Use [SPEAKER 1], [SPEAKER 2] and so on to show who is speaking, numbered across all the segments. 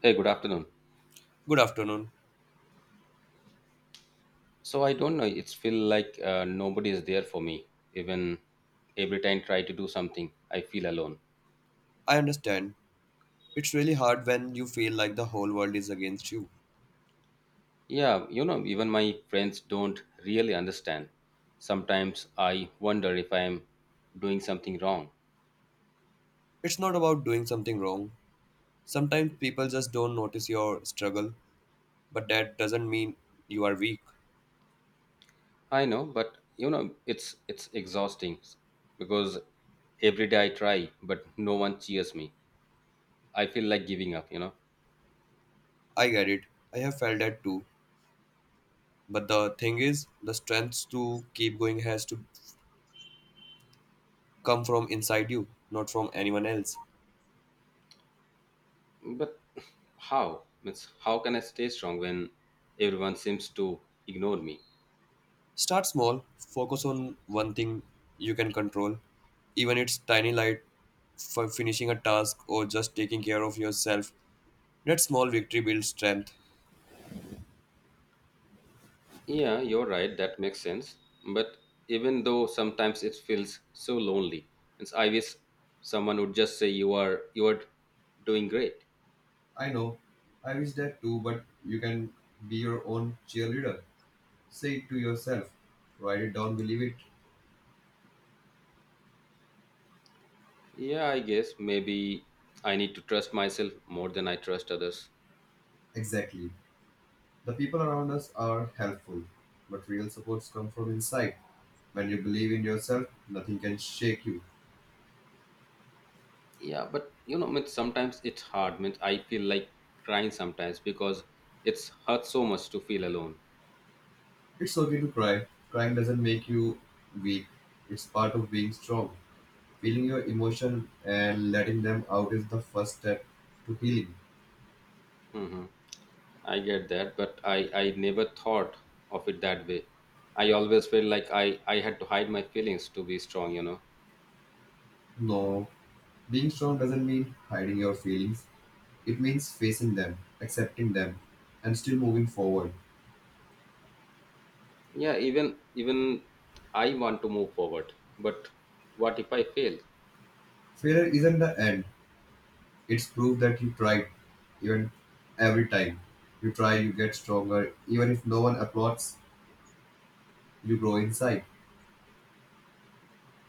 [SPEAKER 1] Hey, good afternoon.
[SPEAKER 2] Good afternoon.
[SPEAKER 1] So I don't know. It's feel like nobody is there for me. Even every time try to do something, I feel alone.
[SPEAKER 2] I understand. It's really hard when you feel like the whole world is against you.
[SPEAKER 1] Yeah, you know, even my friends don't really understand. Sometimes I wonder if I'm doing something wrong.
[SPEAKER 2] It's not about doing something wrong. Sometimes people just don't notice your struggle, but that doesn't mean you are weak.
[SPEAKER 1] I know, but you know, it's exhausting because every day I try, but no one cheers me. I feel like giving up. You know,
[SPEAKER 2] I get it. I have felt that too. But the thing is, the strength to keep going has to come from inside you, not from anyone else.
[SPEAKER 1] but how? Means how can I stay strong when everyone seems to ignore me?
[SPEAKER 2] Start small, focus on one thing you can control, even it's tiny light for finishing a task or just taking care of yourself. That small victory builds strength.
[SPEAKER 1] Yeah, you're right. That makes sense. But even though sometimes it feels so lonely, it's I wish someone would just say you are doing great.
[SPEAKER 2] I know. I wish that too, but you can be your own cheerleader. Say it to yourself. Write it down, believe it.
[SPEAKER 1] Yeah, I guess maybe I need to trust myself more than I trust others.
[SPEAKER 2] Exactly. The people around us are helpful, but real supports come from inside. When you believe in yourself, nothing can shake you.
[SPEAKER 1] Yeah, but you know, means sometimes it's hard. Means I feel like crying sometimes because it's hurt so much to feel alone.
[SPEAKER 2] It's okay to cry. Crying doesn't make you weak. It's part of being strong. Feeling your emotion and letting them out is the first step to healing.
[SPEAKER 1] Hmm, I get that, but I never thought of it that way. I always felt like I had to hide my feelings to be strong. You know.
[SPEAKER 2] No, being strong doesn't mean hiding your feelings. It means facing them, accepting them, and still moving forward.
[SPEAKER 1] Yeah, even I want to move forward, but what if I fail?
[SPEAKER 2] Failure isn't the end, it's proof that you tried, even every time. You try, you get stronger. Even if no one applauds, you grow inside.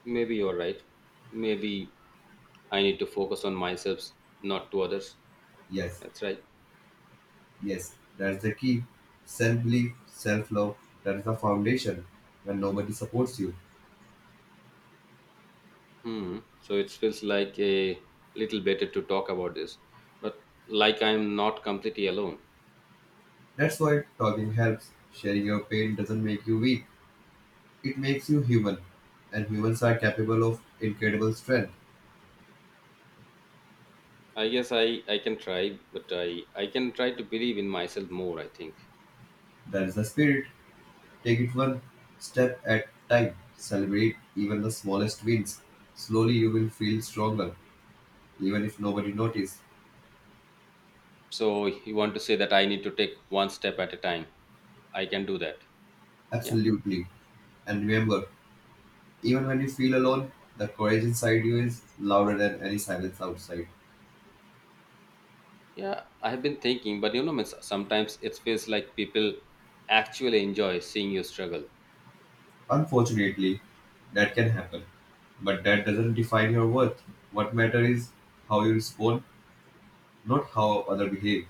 [SPEAKER 1] Maybe you're right. Maybe I need to focus on myself, not to others.
[SPEAKER 2] Yes,
[SPEAKER 1] That's right.
[SPEAKER 2] yes, that's the key. Self belief, self love, that is the foundation when nobody supports you.
[SPEAKER 1] Hmm, so it feels like a little better to talk about this, but like I'm not completely alone.
[SPEAKER 2] That's why talking helps. Sharing your pain doesn't make you weak, it makes you human. And humans are capable of incredible strength.
[SPEAKER 1] I guess I can try, but I can try to believe in myself more, I think.
[SPEAKER 2] That is the spirit. Take it one step at time. Celebrate even the smallest wins. Slowly you will feel stronger, even if nobody notices.
[SPEAKER 1] So you want to say that I need to take one step at a time. I can do that. Yeah.
[SPEAKER 2] Absolutely. And remember, even when you feel alone, the courage inside you is louder than any silence outside.
[SPEAKER 1] Yeah, I have been thinking, but you know, means sometimes it feels like people actually enjoy seeing you struggle.
[SPEAKER 2] Unfortunately, that can happen. But that doesn't define your worth. What matters is how you respond, not how others behave.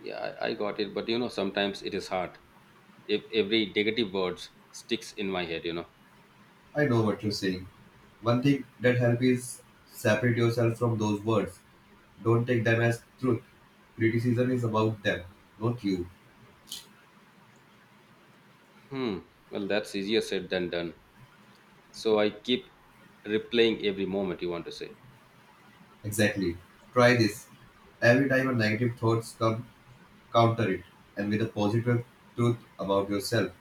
[SPEAKER 1] Yeah, I got it, but you know, sometimes it is hard. If every negative words sticks in my head, you know.
[SPEAKER 2] I know what you're saying. One thing that helps is separate yourself from those words. Don't take them as truth. Criticism is about them, not you.
[SPEAKER 1] Hmm. Well, that's easier said than done. So I keep replaying every moment. You want to say.
[SPEAKER 2] Exactly. Try this. Every time a negative thoughts come, counter it and with a positive truth about yourself.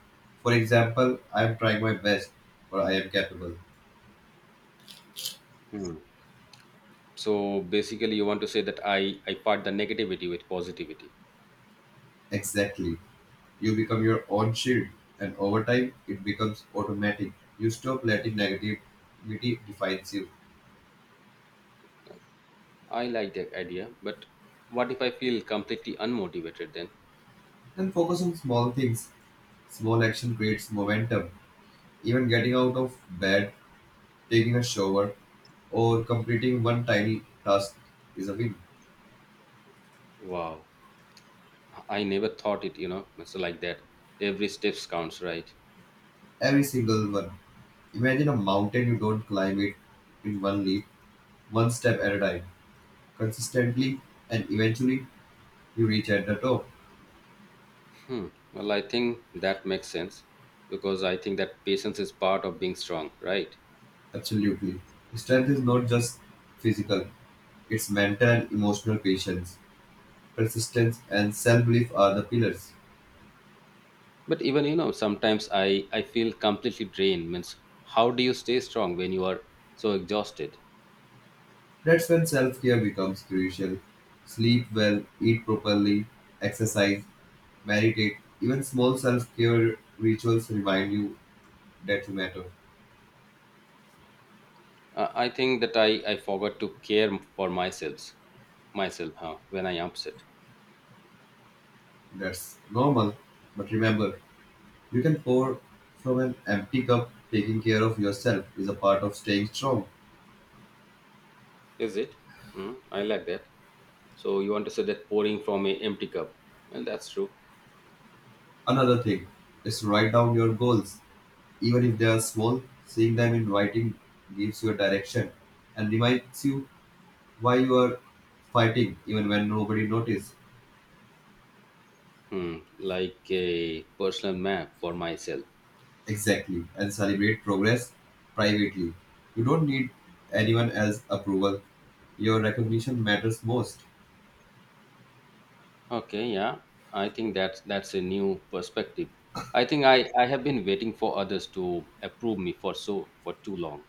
[SPEAKER 2] For example, I am trying my best or I am capable.
[SPEAKER 1] Hmm. So basically, you want to say that I part the negativity with positivity.
[SPEAKER 2] Exactly. You become your own shield and over time it becomes automatic. You stop letting negativity defines you.
[SPEAKER 1] I like that idea, but what if I feel completely unmotivated then?
[SPEAKER 2] Then focus on small things small action creates momentum. Even getting out of bed, taking a shower or completing one tiny task is a win.
[SPEAKER 1] Wow. I never thought it, you know, it's like that. Every steps counts, right?
[SPEAKER 2] Every single one. Imagine a mountain you don't climb it in one leap, one step at a time, consistently, and eventually you reach at the top.
[SPEAKER 1] Hmm. Well, I think that makes sense because I think that patience is part of being strong, right?
[SPEAKER 2] Absolutely. Strength is not just physical, it's mental and emotional patience, persistence, and self belief are the pillars.
[SPEAKER 1] But even you know, sometimes I feel completely drained. Means, how do you stay strong when you are so exhausted?
[SPEAKER 2] That's when self care becomes crucial. Sleep well, eat properly, exercise, meditate. Even small self care rituals remind you that you matter.
[SPEAKER 1] I think that I forgot to care for myself, myself huh, when I upset.
[SPEAKER 2] That's normal, but remember, you can pour from an empty cup. Taking care of yourself is a part of staying strong.
[SPEAKER 1] Is it? Mm, I like that. So you want to say that pouring from a empty cup? Well, that's true.
[SPEAKER 2] Another thing is to write down your goals, even if they are small. Seeing them in writing gives you a direction and reminds you why you are fighting, even when nobody notices.
[SPEAKER 1] Hmm, like a personal map for myself.
[SPEAKER 2] Exactly, and celebrate progress privately. You don't need anyone else's approval. Your recognition matters most.
[SPEAKER 1] Okay, yeah. I think that's a new perspective. I think I have been waiting for others to approve me for so for too long.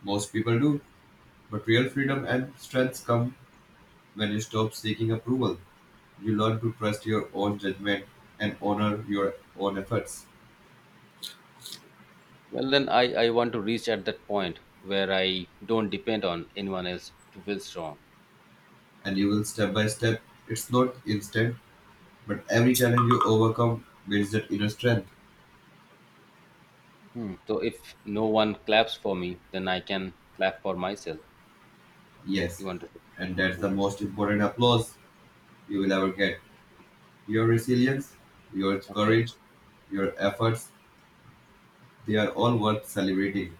[SPEAKER 2] Most people do, but real freedom and strength come when you stop seeking approval. You learn to trust your own judgment and honor your own efforts,
[SPEAKER 1] Well then I want to reach at that point where I don't depend on anyone else to feel strong.
[SPEAKER 2] and you will step by step. It's not instant, but every challenge you overcome builds that inner strength.
[SPEAKER 1] Hmm. So if no one claps for me, then I can clap for myself.
[SPEAKER 2] Yes,
[SPEAKER 1] You want to.
[SPEAKER 2] and that's the
[SPEAKER 1] Mhm.
[SPEAKER 2] most important applause you will ever get. Your resilience, your
[SPEAKER 1] Okay.
[SPEAKER 2] courage, your efforts, they are all worth celebrating.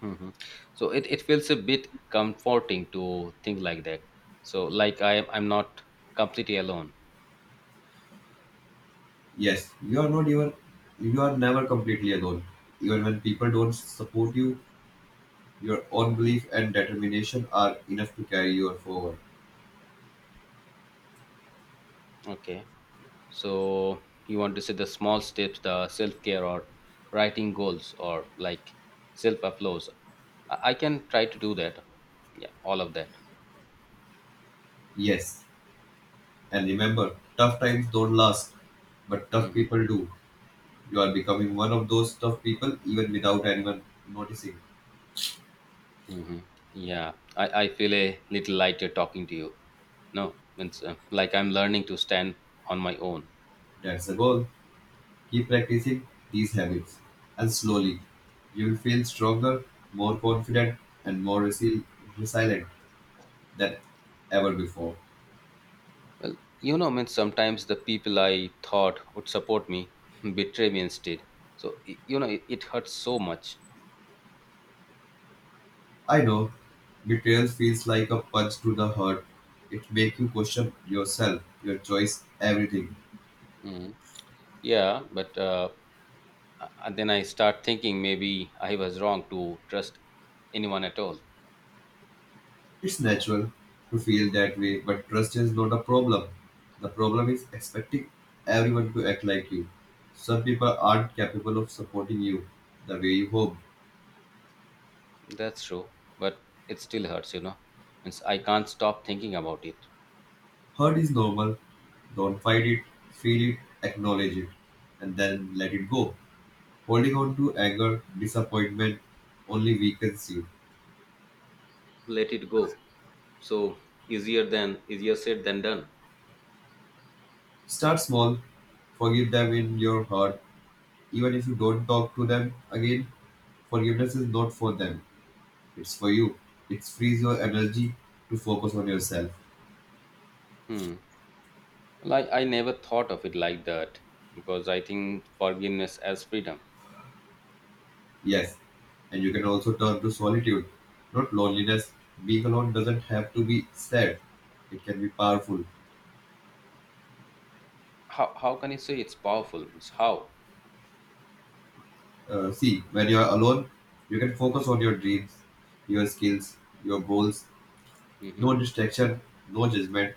[SPEAKER 1] Hmm, so it feels a bit comforting to think like that. So like I'm not completely alone.
[SPEAKER 2] Yes, you are not, even you are never completely alone. Even when people don't support you, your own belief and determination are enough to carry you forward.
[SPEAKER 1] Okay. So you want to see the small steps, the self care or writing goals or like self uploads. I can try to do that. Yeah, all of that.
[SPEAKER 2] Yes. And remember, tough times don't last, but tough
[SPEAKER 1] Hmm.
[SPEAKER 2] people do. You are becoming one of those tough people even without anyone noticing.
[SPEAKER 1] Hmm. Yeah, I feel a little lighter talking to you. No, means like I'm learning to stand on my own.
[SPEAKER 2] That's the goal. Keep practicing these habits, and slowly you will feel stronger, more confident, and more resilient than ever before.
[SPEAKER 1] Well, you know, I mean, sometimes the people I thought would support me betray me instead. So, you know, it hurts so much.
[SPEAKER 2] I know betrayal feels like a punch to the heart. It makes you question yourself, your choice, everything.
[SPEAKER 1] Hmm. Yeah, but then I start thinking maybe I was wrong to trust anyone at all.
[SPEAKER 2] It's natural to feel that way, but trust is not a problem. The problem is expecting everyone to act like you. Some people aren't capable of supporting you the way you hope.
[SPEAKER 1] That's true, but it still hurts, you know. Means I can't stop thinking about it.
[SPEAKER 2] Hurt is normal. Don't fight it, feel it, acknowledge it, and then let it go. Holding on to anger, disappointment only weakens you.
[SPEAKER 1] Let it go. So easier than easier said than done.
[SPEAKER 2] Start small, forgive them in your heart. Even if you don't talk to them again, forgiveness is not for them, it's for you. It frees your energy to focus on yourself.
[SPEAKER 1] Hmm. Well, I never thought of it like that because I think forgiveness as freedom.
[SPEAKER 2] Yes, and you can also turn to solitude, not loneliness. Being alone doesn't have to be sad, it can be powerful.
[SPEAKER 1] How can you say it's powerful? Means how.
[SPEAKER 2] See, when you're alone, you can focus on your dreams, your skills, your goals.
[SPEAKER 1] Hmm,
[SPEAKER 2] No distraction, no judgment.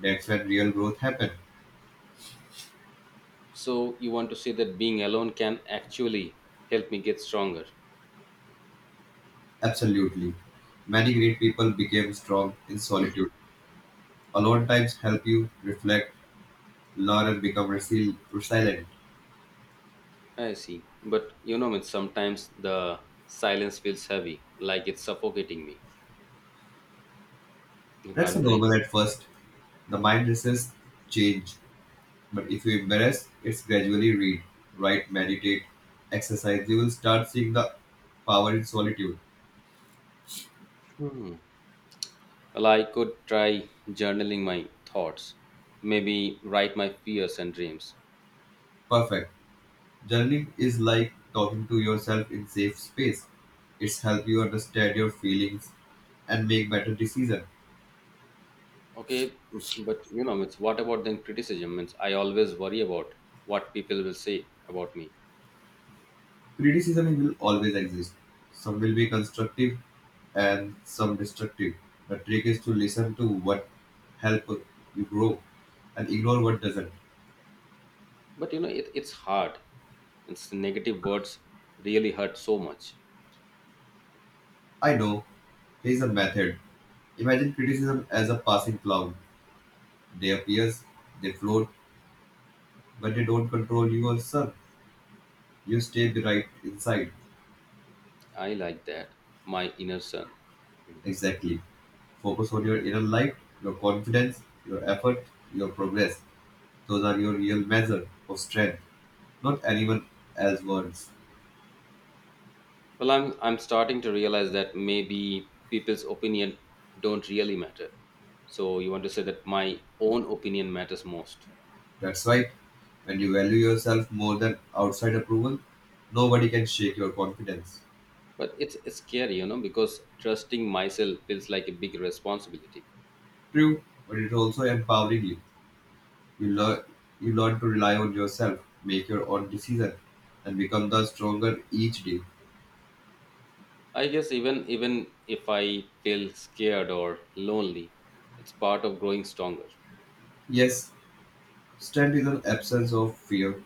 [SPEAKER 2] That's when real growth happens.
[SPEAKER 1] so you want to say that being alone can actually help me get stronger.
[SPEAKER 2] Absolutely. Many great people became strong in solitude. Alone times help you reflect, learn, and become resilient.
[SPEAKER 1] I see, but you know means sometimes the silence feels heavy like it's suffocating me, you
[SPEAKER 2] That's
[SPEAKER 1] can't
[SPEAKER 2] a
[SPEAKER 1] breathe.
[SPEAKER 2] normal at first. The mind resists change, but if you embrace, it's gradually read, write, meditate, exercise. You will start seeing the power in solitude.
[SPEAKER 1] Hmm. Well, I could try journaling my thoughts, maybe write my fears and dreams.
[SPEAKER 2] Perfect. Journaling is like talking to yourself in safe space. It's help you understand your feelings and make better decisions.
[SPEAKER 1] Okay, but you know it's what about then criticism means I always worry about what people will say about me.
[SPEAKER 2] Criticism will always exist. Some will be constructive and some destructive. The trick is to listen to what help you grow and ignore what doesn't.
[SPEAKER 1] But you know it's hard. It's the negative words really hurt so much.
[SPEAKER 2] I know. Here's a method. Imagine criticism as a passing cloud. They appears, they float, but they don't control your sun. You stay right inside.
[SPEAKER 1] I like that. My inner son. Mhm.
[SPEAKER 2] Exactly. Focus on your inner light, your confidence, your effort, your progress. Those are your real measure of strength, not anyone else's words.
[SPEAKER 1] Well, I'm starting to realize that maybe people's opinion don't really matter. So you want to say that my own opinion matters most.
[SPEAKER 2] That's right. When you value yourself more than outside approval, nobody can shake your confidence.
[SPEAKER 1] But it's scary, you know, because trusting myself feels like a big responsibility.
[SPEAKER 2] True, but it's also empowering you. You learn you learn to rely on yourself, make your own decision, and become the stronger each day.
[SPEAKER 1] I guess even if I feel scared or lonely, it's part of growing stronger.
[SPEAKER 2] Yes, strength is an absence of fear.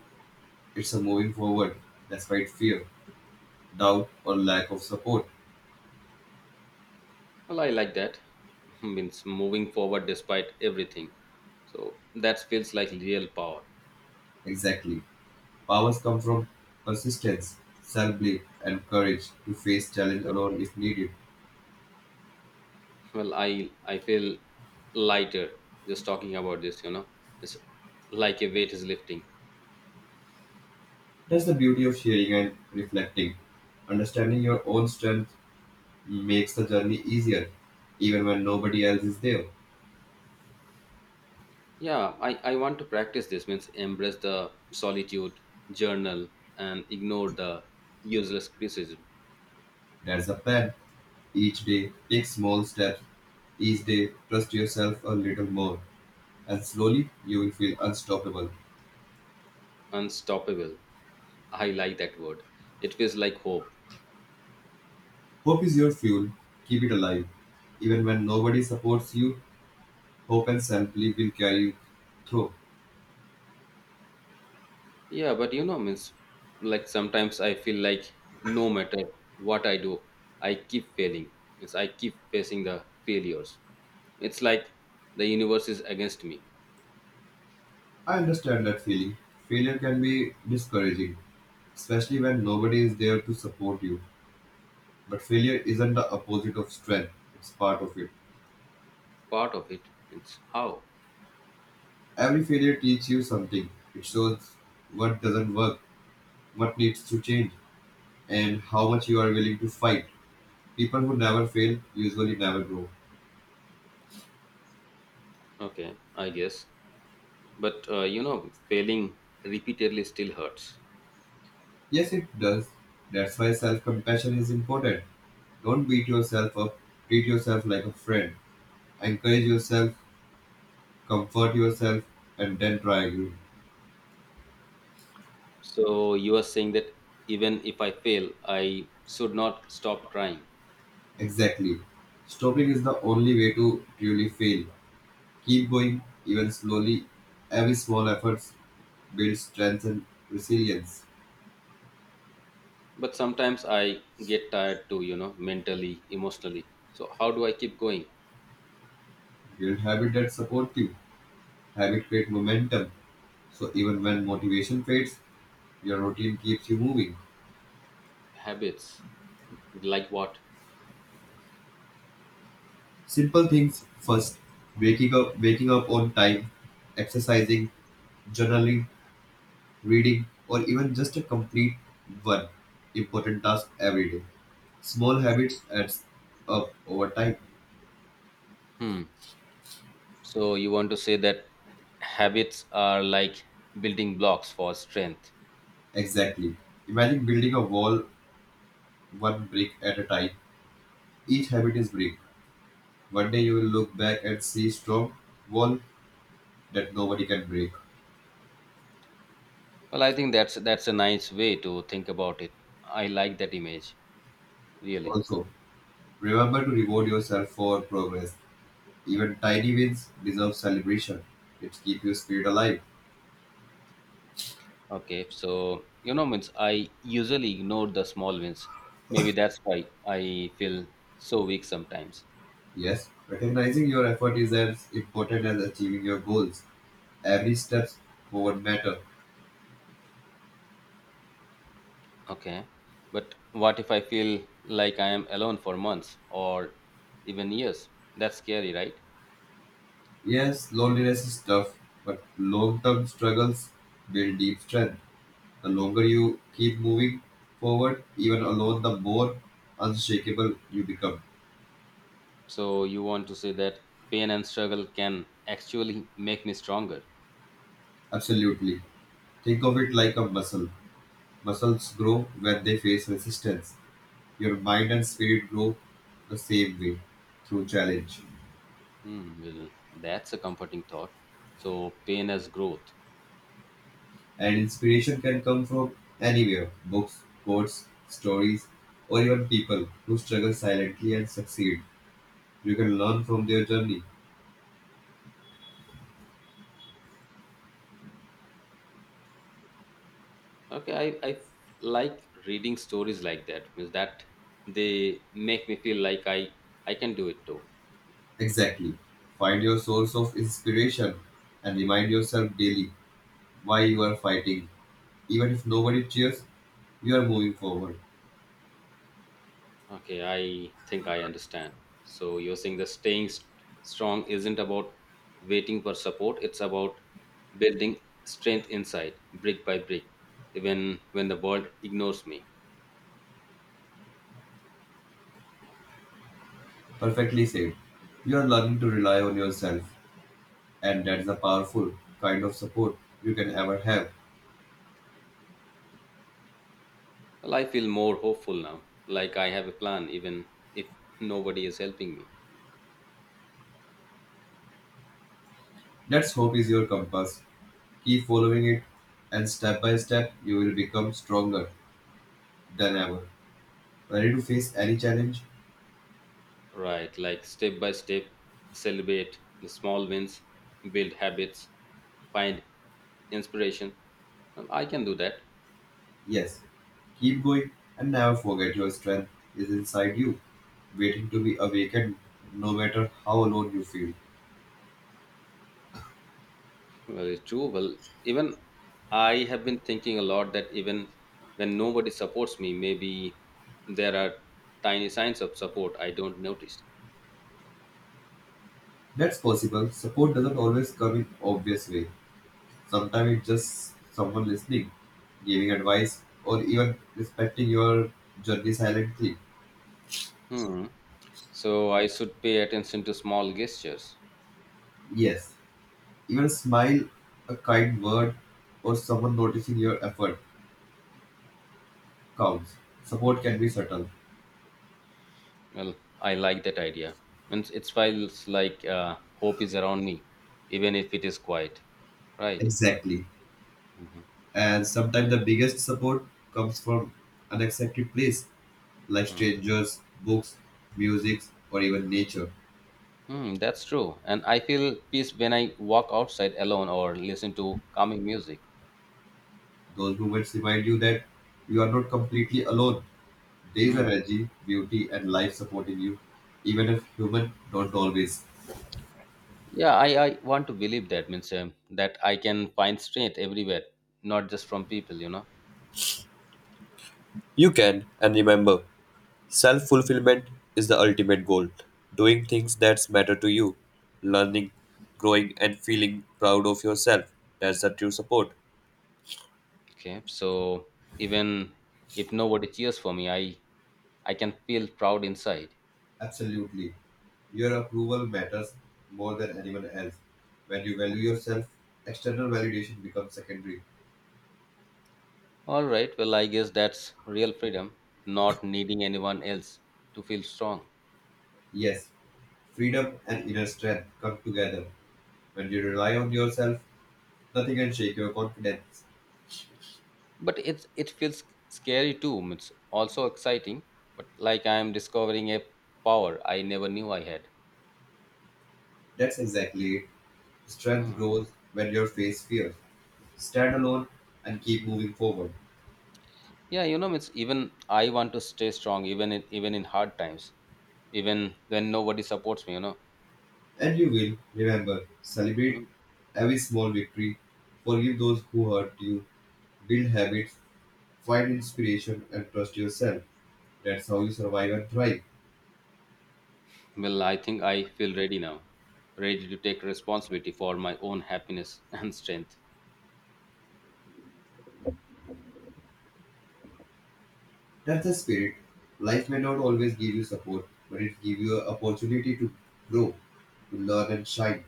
[SPEAKER 2] It's a moving forward despite fear, doubt, or lack of support.
[SPEAKER 1] Well, I like that. Means moving forward despite everything. So that feels like real power.
[SPEAKER 2] Exactly. Powers come from persistence, self belief, and courage to face challenge
[SPEAKER 1] You.
[SPEAKER 2] alone if needed.
[SPEAKER 1] Well, I feel lighter just talking about this. You know, it's like a weight is lifting.
[SPEAKER 2] That's the beauty of sharing and reflecting. Understanding your own strength makes the journey easier, even when nobody else is there.
[SPEAKER 1] Yeah, I want to practice this. Means embrace the solitude, journal, and ignore the useless criticism.
[SPEAKER 2] That's the plan. Each day, take small steps. Each day, trust yourself a little more, and slowly you will feel unstoppable.
[SPEAKER 1] Unstoppable. I like that word. It feels like hope.
[SPEAKER 2] Hope is your fuel. Keep it alive. Even when nobody supports you, hope and self belief will carry you through.
[SPEAKER 1] Yeah, but you know, means like sometimes I feel like no matter what I do, I keep failing. Means I keep facing the failures. It's like the universe is against me.
[SPEAKER 2] I understand that feeling. Failure can be discouraging, especially when nobody is there to support you. But failure isn't the opposite of strength, it's part of it.
[SPEAKER 1] Part of it. It's how.
[SPEAKER 2] Every failure teaches you something. It shows what doesn't work, what needs to change, and how much you are willing to fight. People who never fail usually never grow.
[SPEAKER 1] Okay, I guess. But you know, failing repeatedly still hurts.
[SPEAKER 2] Yes, it does. That's why self compassion is important. Don't beat yourself up. Treat yourself like a friend. Encourage yourself, comfort yourself, and then try again.
[SPEAKER 1] So you are saying that even if I fail, I should not stop trying.
[SPEAKER 2] Exactly. Stopping is the only way to truly fail. Keep going, even slowly. Every small effort builds strength and resilience.
[SPEAKER 1] But sometimes I get tired too, you know, mentally, emotionally. So how do I keep going?
[SPEAKER 2] Build habits that support you. Habit create momentum. So even when motivation fades, your routine keeps you moving.
[SPEAKER 1] Habits. Like what?
[SPEAKER 2] Simple things first. Waking up on time, exercising, journaling, reading, or even just a complete one important task every day. Small habits adds up over time.
[SPEAKER 1] Hmm. So you want to say that habits are like building blocks for strength.
[SPEAKER 2] Exactly. Imagine building a wall one brick at a time. Each habit is brick. One day you will look back and see strong wall that nobody can break.
[SPEAKER 1] Well, I think that's a nice way to think about it. I like that image, really.
[SPEAKER 2] Also, remember to reward yourself for progress. Even tiny wins deserve celebration. It keeps your spirit alive.
[SPEAKER 1] Okay, so you know, means I usually ignore the small wins. Maybe that's why I feel so weak sometimes.
[SPEAKER 2] Yes, recognizing your effort is as important as achieving your goals. Every step forward matter.
[SPEAKER 1] Okay, but what if I feel like I am alone for months or even years? That's scary, right?
[SPEAKER 2] Yes, loneliness is tough, but long-term struggles build deep strength. The longer you keep moving forward, even alone, the more unshakable you become.
[SPEAKER 1] So you want to say that pain and struggle can actually make me stronger.
[SPEAKER 2] Absolutely. Think of it like a muscle. Muscles grow when they face resistance. Your mind and spirit grow the same way through challenge.
[SPEAKER 1] Hmm, well, that's a comforting thought. So pain as growth.
[SPEAKER 2] And inspiration can come from anywhere books, quotes, stories, or even people who struggle silently and succeed. You can learn from their journey.
[SPEAKER 1] Okay, I like reading stories like that. Means that they make me feel like I can do it too.
[SPEAKER 2] Exactly. Find your source of inspiration and remind yourself daily why you are fighting. Even if nobody cheers, you are moving forward.
[SPEAKER 1] Okay, I think I understand. So you're saying that staying strong isn't about waiting for support. It's about building strength inside, brick by brick, even when the world ignores me.
[SPEAKER 2] Perfectly said. You are learning to rely on yourself, and that's a powerful kind of support you can ever have.
[SPEAKER 1] Well, I feel more hopeful now. Like I have a plan, even if nobody is helping me.
[SPEAKER 2] That's hope is your compass. Keep following it, and step by step, you will become stronger than ever. Ready to face any challenge?
[SPEAKER 1] Right, like step by step, celebrate the small wins, build habits, find inspiration. Well, I can do that.
[SPEAKER 2] Yes. Keep going and never forget your strength is inside you, waiting to be awakened no matter how alone you feel.
[SPEAKER 1] Well, it's true. Well, even I have been thinking a lot that even when nobody supports me, maybe there are tiny signs of support I don't notice.
[SPEAKER 2] That's possible. Support doesn't always come in obvious way. Sometimes it's just someone listening, giving advice, or even respecting your journey silently.
[SPEAKER 1] Hmm. So I should pay attention to small gestures.
[SPEAKER 2] Yes, even a smile, a kind word, or someone noticing your effort counts. Support can be subtle.
[SPEAKER 1] Well, I like that idea. And it feels like hope is around me, even if it is quiet, right?
[SPEAKER 2] Exactly.
[SPEAKER 1] Hmm.
[SPEAKER 2] And sometimes the biggest support comes from unexpected place, like
[SPEAKER 1] Hmm.
[SPEAKER 2] strangers, books, music, or even nature.
[SPEAKER 1] Mm, that's true. And I feel peace when I walk outside alone or listen to calming music.
[SPEAKER 2] Those moments remind you that you are not completely alone. Days are
[SPEAKER 1] Mm.
[SPEAKER 2] energy, beauty, and life supporting you, even if human don't always.
[SPEAKER 1] Yeah, I want to believe that means that I can find strength everywhere, not just from people, you know.
[SPEAKER 2] You can, and remember, self fulfillment is the ultimate goal. Doing things that matter to you, learning, growing, and feeling proud of yourself. That's the true support.
[SPEAKER 1] Okay, so even if nobody cheers for me, I can feel proud inside.
[SPEAKER 2] Absolutely. Your approval matters more than anyone else. When you value yourself, external validation becomes secondary.
[SPEAKER 1] All right, well, I guess that's real freedom, not needing anyone else to feel strong.
[SPEAKER 2] Yes, freedom and inner strength come together. When you rely on yourself, nothing can shake your confidence.
[SPEAKER 1] But it feels scary too. It's also exciting, but like I am discovering a power I never knew I had.
[SPEAKER 2] That's exactly it. Strength
[SPEAKER 1] Mm.
[SPEAKER 2] grows when you face fear. Stand alone and keep moving forward.
[SPEAKER 1] Yeah, you know, it's even I want to stay strong, even in hard times, even when nobody supports me. You know.
[SPEAKER 2] And you will, remember, celebrate
[SPEAKER 1] Mm.
[SPEAKER 2] every small victory, forgive those who hurt you, build habits, find inspiration, and trust yourself. That's how you survive and thrive.
[SPEAKER 1] Well, I think I feel ready now, ready to take responsibility for my own happiness and strength.
[SPEAKER 2] That's the spirit. Life may not always give you support, but it gives you an opportunity to grow, to learn and shine.